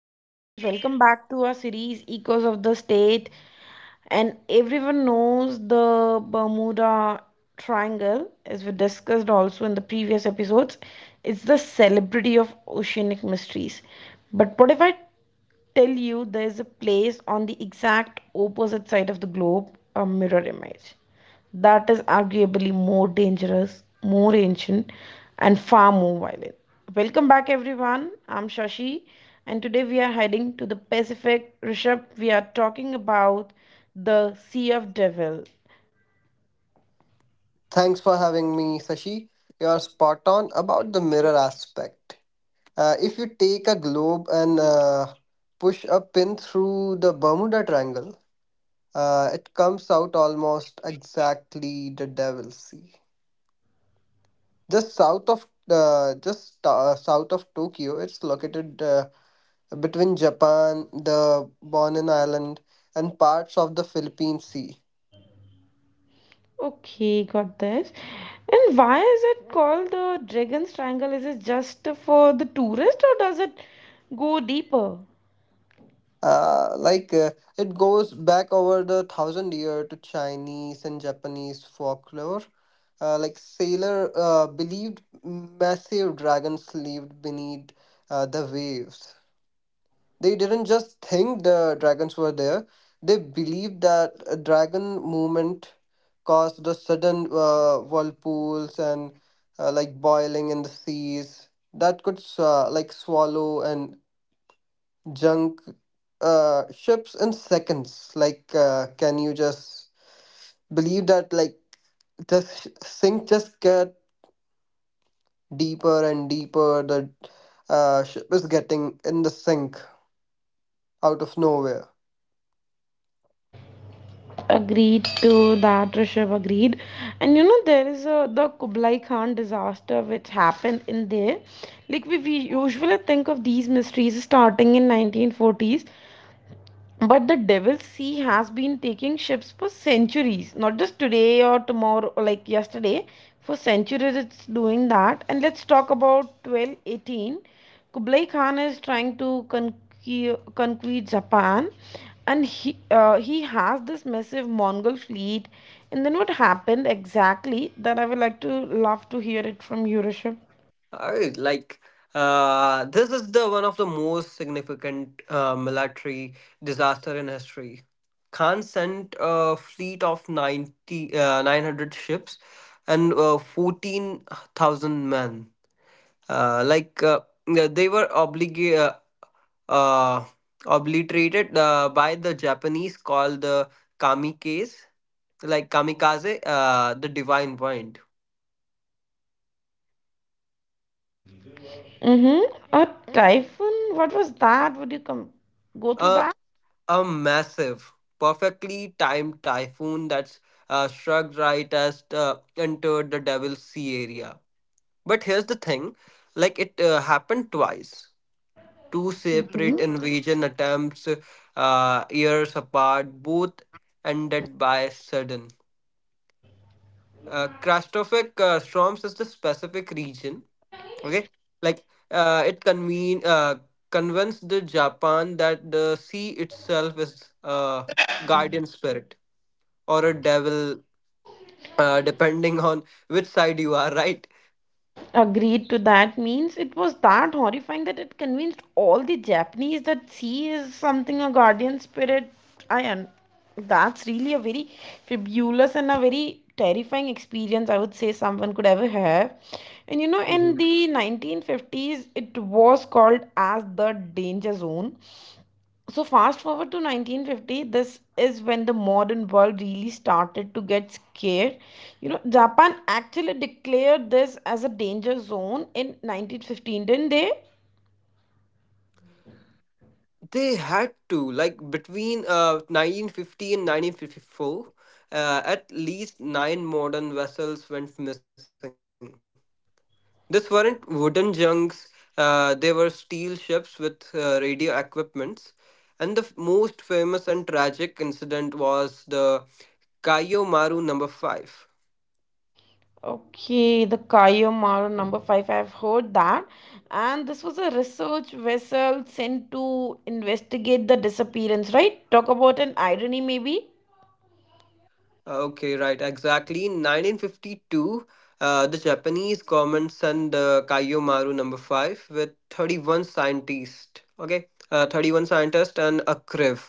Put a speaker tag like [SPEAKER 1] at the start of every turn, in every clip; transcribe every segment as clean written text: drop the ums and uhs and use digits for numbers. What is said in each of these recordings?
[SPEAKER 1] Hey guys, welcome back to our series Echoes of the State. And everyone knows the Bermuda Triangle, as we discussed also in the previous episodes. It's the celebrity of oceanic mysteries. But what if I tell you there's a place on the exact opposite side of the globe, a mirror image, that is arguably more dangerous, more ancient, and far more violent. Welcome back, everyone. I'm Shashi, and today we are heading to the Pacific. Rishabh, we are talking about the Sea of Devil.
[SPEAKER 2] Thanks for having me, Sashi. You're spot on about the mirror aspect. If you take a globe and push a pin through the Bermuda Triangle, it comes out almost exactly the Devil's Sea. Just south of Tokyo, it's located between Japan, the Bonin Island, and parts of the Philippine Sea.
[SPEAKER 1] Okay, got this. And why is it called the Dragon's Triangle? Is it just for the tourist or does it go deeper?
[SPEAKER 2] Uh, like uh, it goes back over the thousand year to Chinese and Japanese folklore. Like sailor believed massive dragons lived beneath the waves. They didn't just think the dragons were there. They believed that a dragon movement caused the sudden whirlpools and like boiling in the seas that could like swallow and junk ships in seconds. Like, can you just believe that? Like, the sink just get deeper and deeper. The ship is getting in the sink out of nowhere.
[SPEAKER 1] Agreed to that, Rishabh. Agreed. And you know, there is a the Kublai Khan disaster which happened in there. Like we usually think of these mysteries starting in 1940s, but the Devil's Sea has been taking ships for centuries, not just today or tomorrow, or like yesterday. For centuries, it's doing that. And let's talk about 1218. Kublai Khan is trying to conquer Japan, and he has this massive Mongol fleet. And then what happened exactly? That I would like to love to hear it from you, Rishabh.
[SPEAKER 2] I like. This is the one of the most significant military disaster in history. Khan sent a fleet of 900 ships and 14,000 men. uh, like uh, they were uh, obliterated by the Japanese called the kamikaze, like kamikaze, the divine wind.
[SPEAKER 1] Mm-hmm. A typhoon? What was that? Would you come go through
[SPEAKER 2] Uh,
[SPEAKER 1] that?
[SPEAKER 2] a massive, perfectly timed typhoon that's struck right as entered the Devil's Sea area. But here's the thing, like it happened twice. Two separate invasion attempts, years apart, both ended by sudden Krastofek storms is the specific region. Okay, like it convene convinced the Japan that the sea itself is a guardian spirit or a devil, depending on which side you are. Right?
[SPEAKER 1] Agreed to that. Means it was that horrifying that it convinced all the Japanese that she is something, a guardian spirit. I and that's really a very fabulous and a very terrifying experience, I would say, someone could ever have. And you know, in
[SPEAKER 2] Mhm.
[SPEAKER 1] the 1950s, it was called as the danger zone. So, fast forward to 1950, this is when the modern world really started to get scared. You know, Japan actually declared this as a danger zone in 1915, didn't they?
[SPEAKER 2] They had to like between 1950 and 1954. At least nine modern vessels went missing. These weren't wooden junks, they were steel ships with radio equipments. And the most famous and tragic incident was the Kayo Maru number 5.
[SPEAKER 1] Okay, the Kaiomaru number 5, I've heard that. And this was a research vessel sent to investigate the disappearance, right? Talk about an irony, maybe.
[SPEAKER 2] Okay, right, exactly. In 1952, the Japanese government sent the Kaio Maru number 5 with 31 scientists. Okay, 31 scientists and a crew.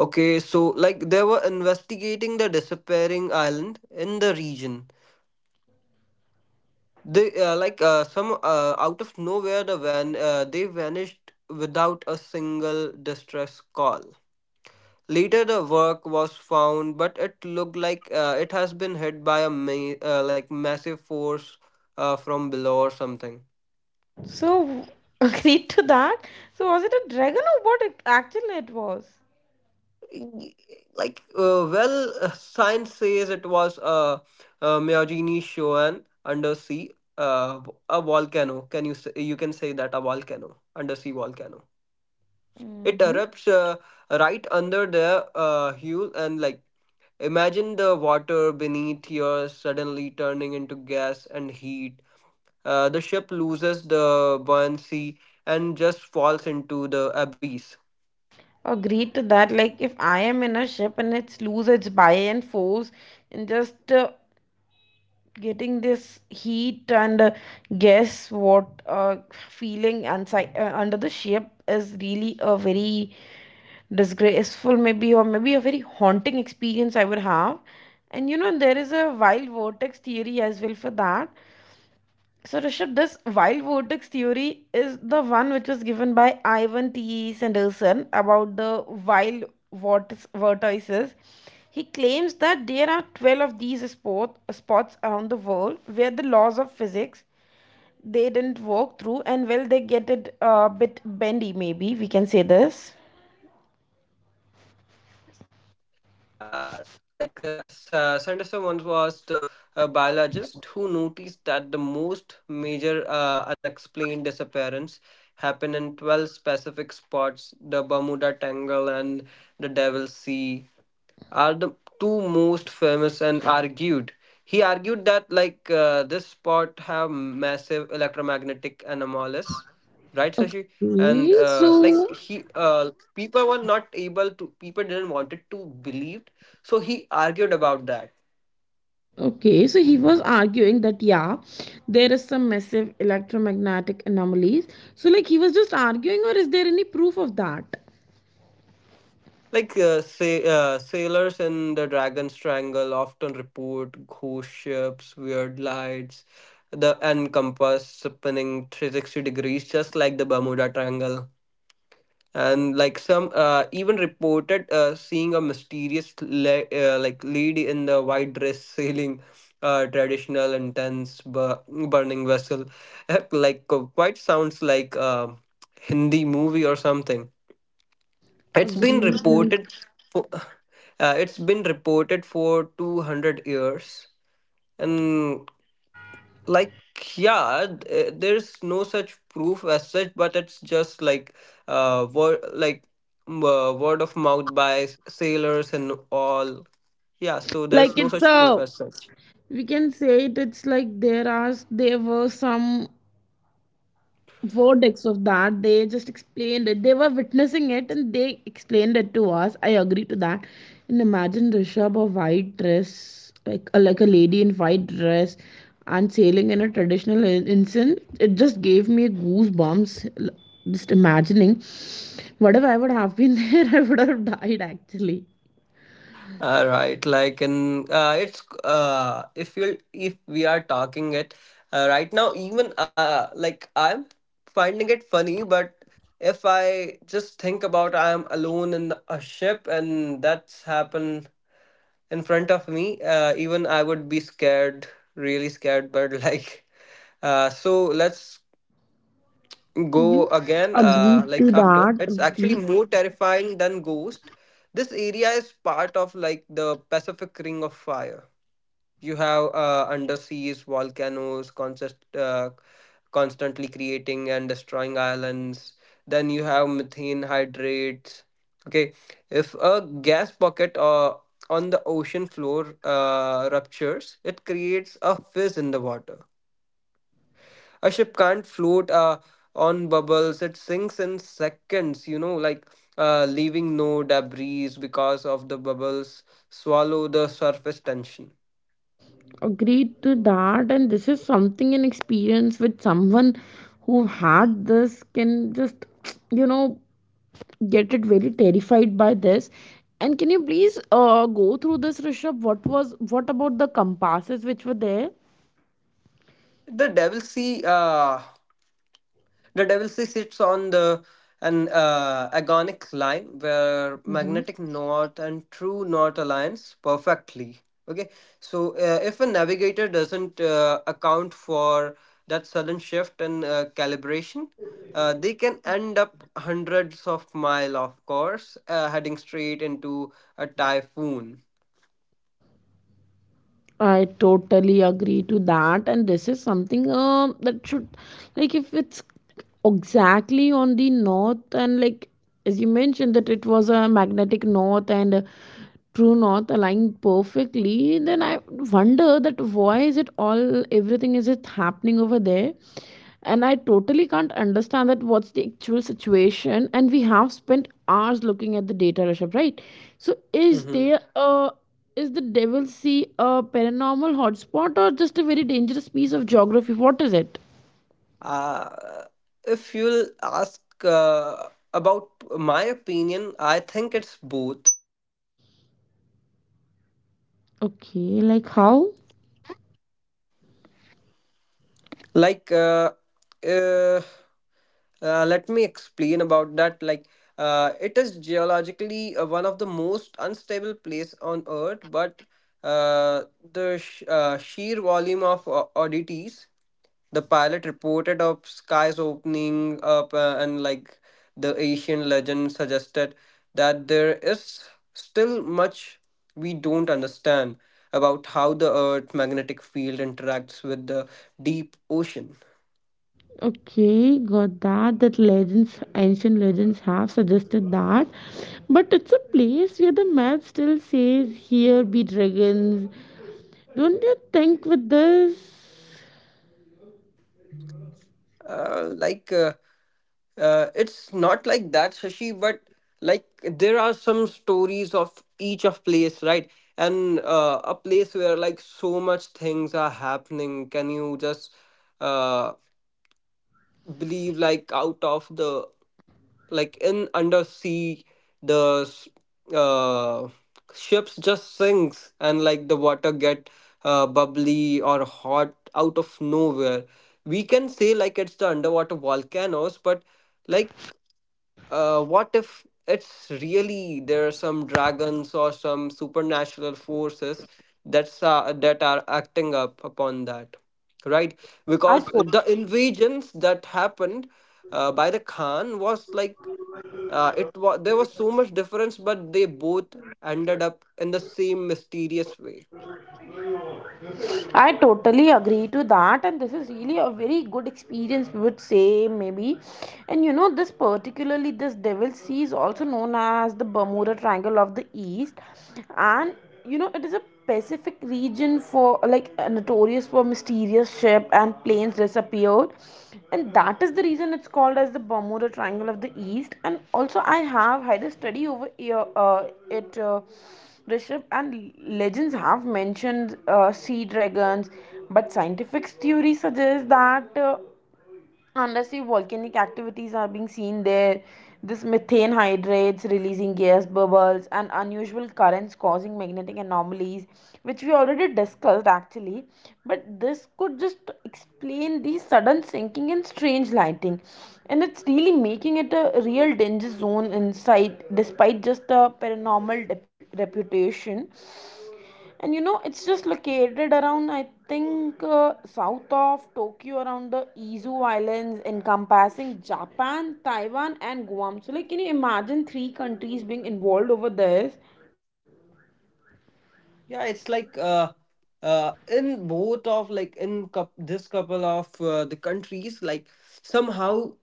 [SPEAKER 2] Okay, so like they were investigating the disappearing island in the region. They like some Out of nowhere they vanished without a single distress call. Later, the work was found, but it looked like it has been hit by a like massive force from below or something.
[SPEAKER 1] So, agreed to that. So, was it a dragon or what it, actually it was?
[SPEAKER 2] Y- Like uh, well, Science says it was a Miyagini Shoan undersea a volcano. Can you say, you can say that a volcano undersea volcano? It
[SPEAKER 1] Mhm.
[SPEAKER 2] erupts right under the hull, and like imagine the water beneath here suddenly turning into gas and heat. The ship loses the buoyancy and just falls into the abyss.
[SPEAKER 1] Agreed to that. Like if I am in a ship and it's loose, it's by and force, and just getting this heat and guess what feeling inside under the ship is really a very disgraceful, maybe, or maybe a very haunting experience I would have. And you know, there is a wild vortex theory as well for that. So, Rishabh, this wild vortex theory is the one which was given by Ivan T. E. Sanderson about the wild vortices. He claims that there are 12 of these spots around the world where the laws of physics they didn't work through, and well, they get it a bit bendy, maybe we can say this.
[SPEAKER 2] Sanderson once was the biologist who noticed that the most major unexplained disappearance happen in 12 specific spots. The Bermuda Triangle and the Devil's Sea are the two most famous and argued. He argued that this spot have massive electromagnetic anomalies, right, Shashi?
[SPEAKER 1] Okay,
[SPEAKER 2] and
[SPEAKER 1] so
[SPEAKER 2] uh, like he uh, people were not able to, people didn't wanted, so he argued about that.
[SPEAKER 1] okay, so he was arguing that, yeah, there is some massive electromagnetic anomalies. So like, he was just arguing, or is there any proof of that?
[SPEAKER 2] Like say Sailors in the dragon's triangle often report ghost ships, weird lights, the and compass spinning 360 degrees, just like the Bermuda Triangle. And like some even reported seeing a mysterious like lady in the white dress sailing a traditional intense burning vessel. Quite sounds like a Hindi movie or something. It's been
[SPEAKER 1] Agreed.
[SPEAKER 2] reported for, it's been reported for 200 years. And like, yeah, there's no such as such, but it's just like uh word like word of mouth by sailors and all. Yeah, so
[SPEAKER 1] Like
[SPEAKER 2] there's no
[SPEAKER 1] it's
[SPEAKER 2] such proof
[SPEAKER 1] a,
[SPEAKER 2] as such.
[SPEAKER 1] we can say it, it's like there are there were some verdicts of that. They just explained it, they were witnessing it and they explained it to us. I agree to that. And imagine, Rishabh, a white dress, like a lady in white dress and sailing in a traditional ensign. It just gave me goosebumps, just imagining what if I would have been there. I would have died actually.
[SPEAKER 2] All right, like and it's if you if we are talking it right now, even like I'm finding it funny. But if I just think about I'm alone in a ship and that's happened in front of me, even I would be scared, really scared. But like, so let's go
[SPEAKER 1] Hmm.
[SPEAKER 2] again. Like
[SPEAKER 1] Agreed
[SPEAKER 2] after,
[SPEAKER 1] to
[SPEAKER 2] it's
[SPEAKER 1] that.
[SPEAKER 2] actually more
[SPEAKER 1] Agreed.
[SPEAKER 2] terrifying than ghost. This area is part of like the Pacific Ring of Fire. You have underseas volcanoes constantly creating and destroying islands. Then you have methane hydrates. Okay, if a gas pocket on the ocean floor ruptures, it creates a fizz in the water. A ship can't float on bubbles, it sinks in seconds, you know, like leaving no debris because of the bubbles swallow the surface tension.
[SPEAKER 1] Agreed to that. And this is something, an experience with someone who had this can just you know get it very terrified by this. And can you please go through this, Rishabh? What was what about the compasses which were there?
[SPEAKER 2] The devil sea, uh, the devil sea sits on the an agonic line where magnetic north and true north aligns perfectly. Okay, so if a navigator doesn't account for that sudden shift in calibration, they can end up hundreds of mile off course, heading straight into a typhoon.
[SPEAKER 1] I totally agree to that, and this is something that should, like, if it's exactly on the north, and like as you mentioned that it was a magnetic north and a true north aligned perfectly, then I wonder that why is it all everything is it happening over there, and I totally can't understand that what's the actual situation, and we have spent hours looking at the data, Rishabh, right? So is there a is the Devil's Sea a paranormal hotspot or just a very dangerous piece of geography? What is it?
[SPEAKER 2] Uh, if you'll ask about my opinion, I think it's both.
[SPEAKER 1] Okay, like how?
[SPEAKER 2] like uh, uh, let me explain about that. It is geologically one of the most unstable place on earth. But uh, the sheer volume of oddities, the pilot reported of skies opening up and like the Asian legend suggested that there is still much we don't understand about how the earth's magnetic field interacts with the deep ocean.
[SPEAKER 1] Okay, got that. That legends, ancient legends have suggested that. But it's a place where the map still says, here be dragons. Don't you think with this?
[SPEAKER 2] Uh, like uh, uh, it's not like that, Shashi, but like there are some stories of each of place, right? And a place where like so much things are happening, can you just uh, believe? Like, out of the, like in undersea, the s- uh, ships just sinks and like the water get bubbly or hot out of nowhere. We can say like it's the underwater volcanoes, but like, what if it's really, there are some dragons or some supernatural forces that are acting up upon that, right?
[SPEAKER 1] I
[SPEAKER 2] Because the invasions that happened by the Khan was like, it was there was so much difference, but they both ended up in the same mysterious way.
[SPEAKER 1] I totally agree to that, and this is really a very good experience, we would say, maybe. And you know, this particularly, this Devil's Sea is also known as the Bermuda Triangle of the East, and you know, it is a Pacific region for like notorious for mysterious ship and planes disappeared, and that is the reason it's called as the Bermuda Triangle of the East. And also, I have had a study over here, it. Rishabh, and legends have mentioned sea dragons, but scientific theory suggests that. Unless the volcanic activities are being seen there, this methane hydrates, releasing gas bubbles and unusual currents causing magnetic anomalies, which we already discussed actually. But this could just explain the sudden sinking and strange lighting, and it's really making it a real danger zone inside, despite just the paranormal reputation. And you know, it's just located around, I think, south of Tokyo around the Izu Islands, encompassing Japan, Taiwan and Guam. So like, can you imagine three countries being involved over this?
[SPEAKER 2] Yeah, it's like in both of, like in this couple of the countries, like somehow,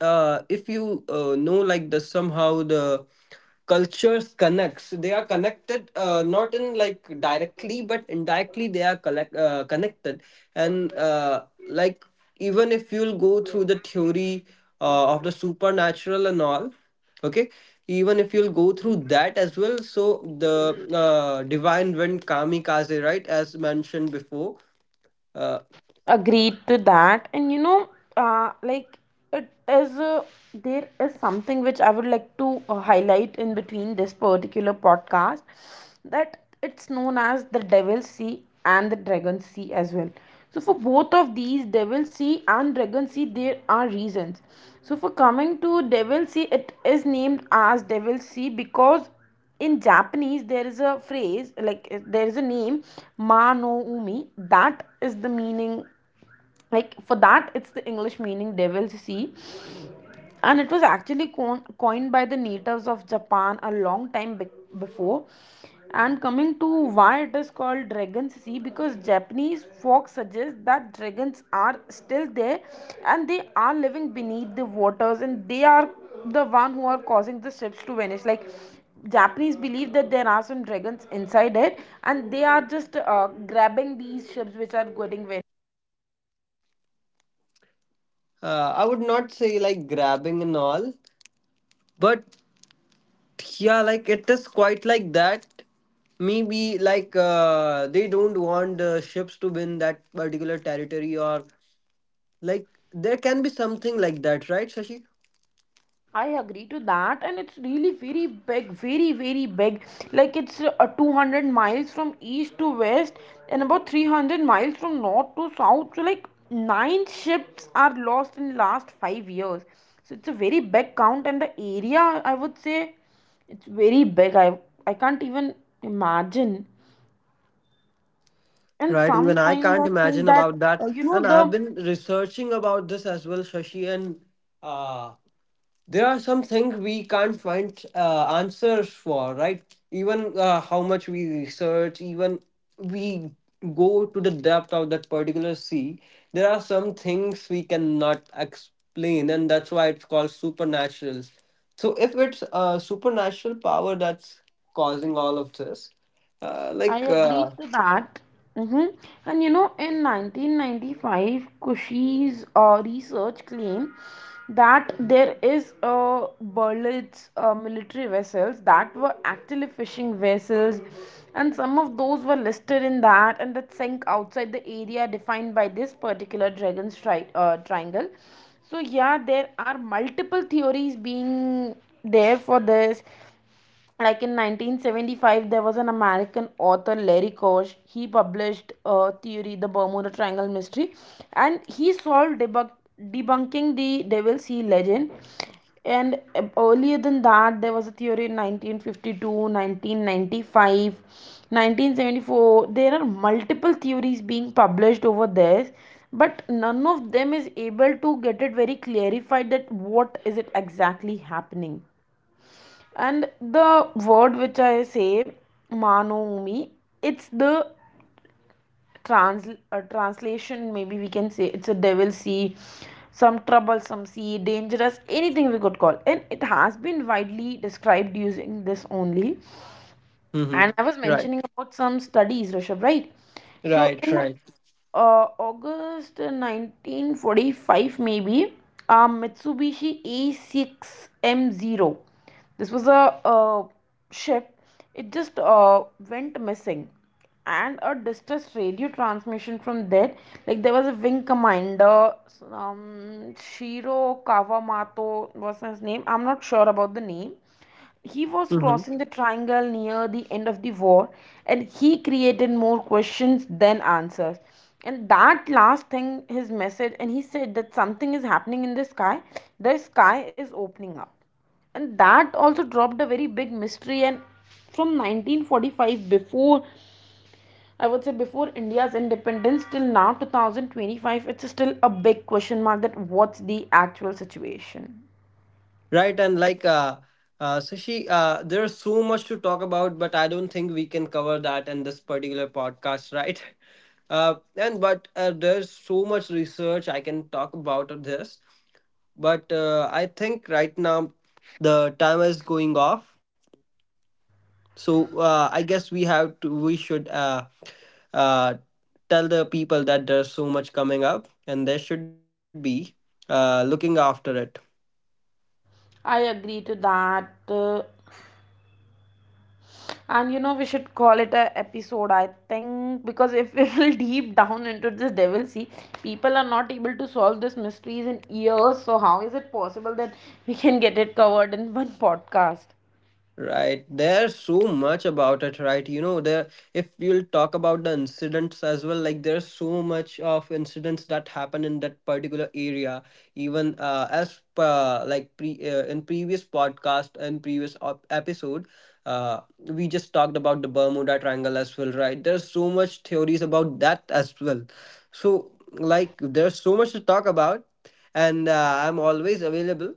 [SPEAKER 2] if you know, like the somehow the cultures connects, they are connected not in like directly but indirectly, they are connected. And even if you'll go through the theory of the supernatural and all, okay, even if you'll go through that as well, so the divine wind kamikaze, right, as mentioned before. uh,
[SPEAKER 1] Agreed to that. And you know, like it is there is something which I would like to highlight in between this particular podcast, that it's known as the Devil Sea and the Dragon Sea as well. So for both of these Devil Sea and Dragon Sea, there are reasons. So for coming to Devil Sea, it is named as Devil Sea because in Japanese, there is a phrase like there is a name, Ma No Umi. That is the meaning like for that. It's the English meaning Devil's Sea, and it was actually coined by the natives of Japan a long time before. And coming to why it is called Dragon's Sea, because Japanese folk suggest that dragons are still there, and they are living beneath the waters, and they are the one who are causing the ships to vanish. Like, Japanese believe that there are some dragons inside it, and they are just grabbing these ships which are getting very
[SPEAKER 2] I would not say like grabbing and all. But, yeah, like it is quite like that. Maybe like they don't want the ships to win that particular territory, or like there can be something like that, right, Shashi?
[SPEAKER 1] I agree to that, and it's really very big, very, very big. Like it's 200 miles from east to west, and about 300 miles from north to south. So, like, nine ships are lost in last 5 years. So, it's a very big count, and the area, I would say, it's very big. I can't even imagine. And
[SPEAKER 2] Right, even I
[SPEAKER 1] sometimes
[SPEAKER 2] can't
[SPEAKER 1] I think
[SPEAKER 2] imagine
[SPEAKER 1] that,
[SPEAKER 2] about that.
[SPEAKER 1] you know,
[SPEAKER 2] And I've
[SPEAKER 1] the
[SPEAKER 2] been researching about this as well, Shashi, and uh, there are some things we can't find answers for, right? Even how much we research, even we go to the depth of that particular sea, there are some things we cannot explain, and that's why it's called supernaturals. So if it's a supernatural power that's causing all of this, uh,
[SPEAKER 1] I
[SPEAKER 2] like
[SPEAKER 1] agree
[SPEAKER 2] uh,
[SPEAKER 1] to that. Hmm. And you know, in 1995, Kushi's research claimed that there is Berlitz military vessels that were actually fishing vessels, and some of those were listed in that, and that sank outside the area defined by this particular dragon triangle. So yeah, there are multiple theories being there for this. Like in 1975, there was an American author, Larry Koch. He published a theory, The Bermuda Triangle Mystery, and he solved debunking the Devil Sea legend. And earlier than that, there was a theory in 1952, 1995, 1974. There are multiple theories being published over there, but none of them is able to get it very clarified that what is it exactly happening. And the word which I say, Manomi, it's the translation. Maybe we can say it's a Devil Sea, some troublesome sea, dangerous, anything we could call. And it has been widely described using this only. And
[SPEAKER 2] mhm.
[SPEAKER 1] I was
[SPEAKER 2] Right.
[SPEAKER 1] mentioning about some studies, Rishabh, right? So
[SPEAKER 2] Right.
[SPEAKER 1] in August 1945, maybe, Mitsubishi A6M0. This was a ship. It just went missing. And a distress radio transmission from there, like there was a wing commander, Shiro Kawamato was his name. I'm not sure about the name. He was
[SPEAKER 2] Right.
[SPEAKER 1] crossing the triangle near the end of the war, and he created more questions than answers. And that last thing, his message, and he said that something is happening in the sky is opening up. And that also dropped a very big mystery. And from 1945, before, I would say, before India's independence till now 2025, it's still a big question mark that what's the actual situation.
[SPEAKER 2] Right, and like Sashi, there's so much to talk about, but I don't think we can cover that in this particular podcast, right? And but There's so much research I can talk about on this, but I think right now the time is going off, so I guess we have to we should uh, tell the people that there's so much coming up, and they should be looking after it.
[SPEAKER 1] I agree to that. And you know, we should call it a episode, I think, because if we will deep down into this devil see people are not able to solve this mysteries in years. So how is it possible that we can get it covered in one podcast?
[SPEAKER 2] Right. There's so much about it, right? You know, there, if you'll talk about the incidents as well, like there's so much of incidents that happen in that particular area. Even as like pre in previous podcast and previous episode, we just talked about the Bermuda Triangle as well, right? There's so much theories about that as well. So like there's so much to talk about, and I'm always available,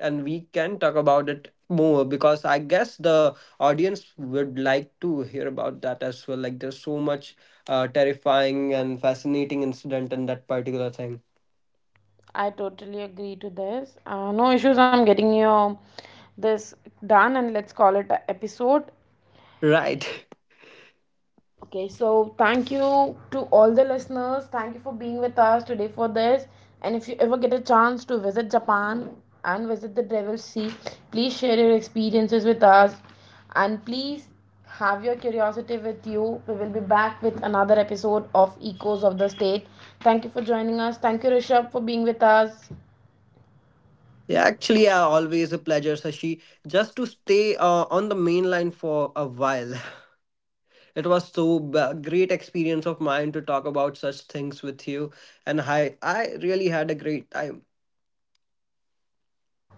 [SPEAKER 2] and we can talk about it more because I guess the audience would like to hear about that as well. Like there's so much terrifying and fascinating incident in that particular thing.
[SPEAKER 1] I totally agree to this. No issues. I'm getting your this done, and let's call it a episode.
[SPEAKER 2] Right.
[SPEAKER 1] Okay, so thank you to all the listeners. Thank you for being with us today for this. And if you ever get a chance to visit Japan and visit the Devil's Sea, please share your experiences with us. And please have your curiosity with you. We will be back with another episode of Echoes of the State. Thank you for joining us. Thank you, Rishabh, for being with us.
[SPEAKER 2] Yeah, actually, always a pleasure, Sashi. Just to stay on the main line for a while. It was so great experience of mine to talk about such things with you, and I really had a great time.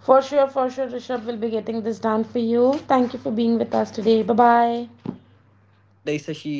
[SPEAKER 1] For sure, Rishabh will be getting this done for you. Thank you for being with us today. Bye bye.
[SPEAKER 2] Have a good day, Sashi.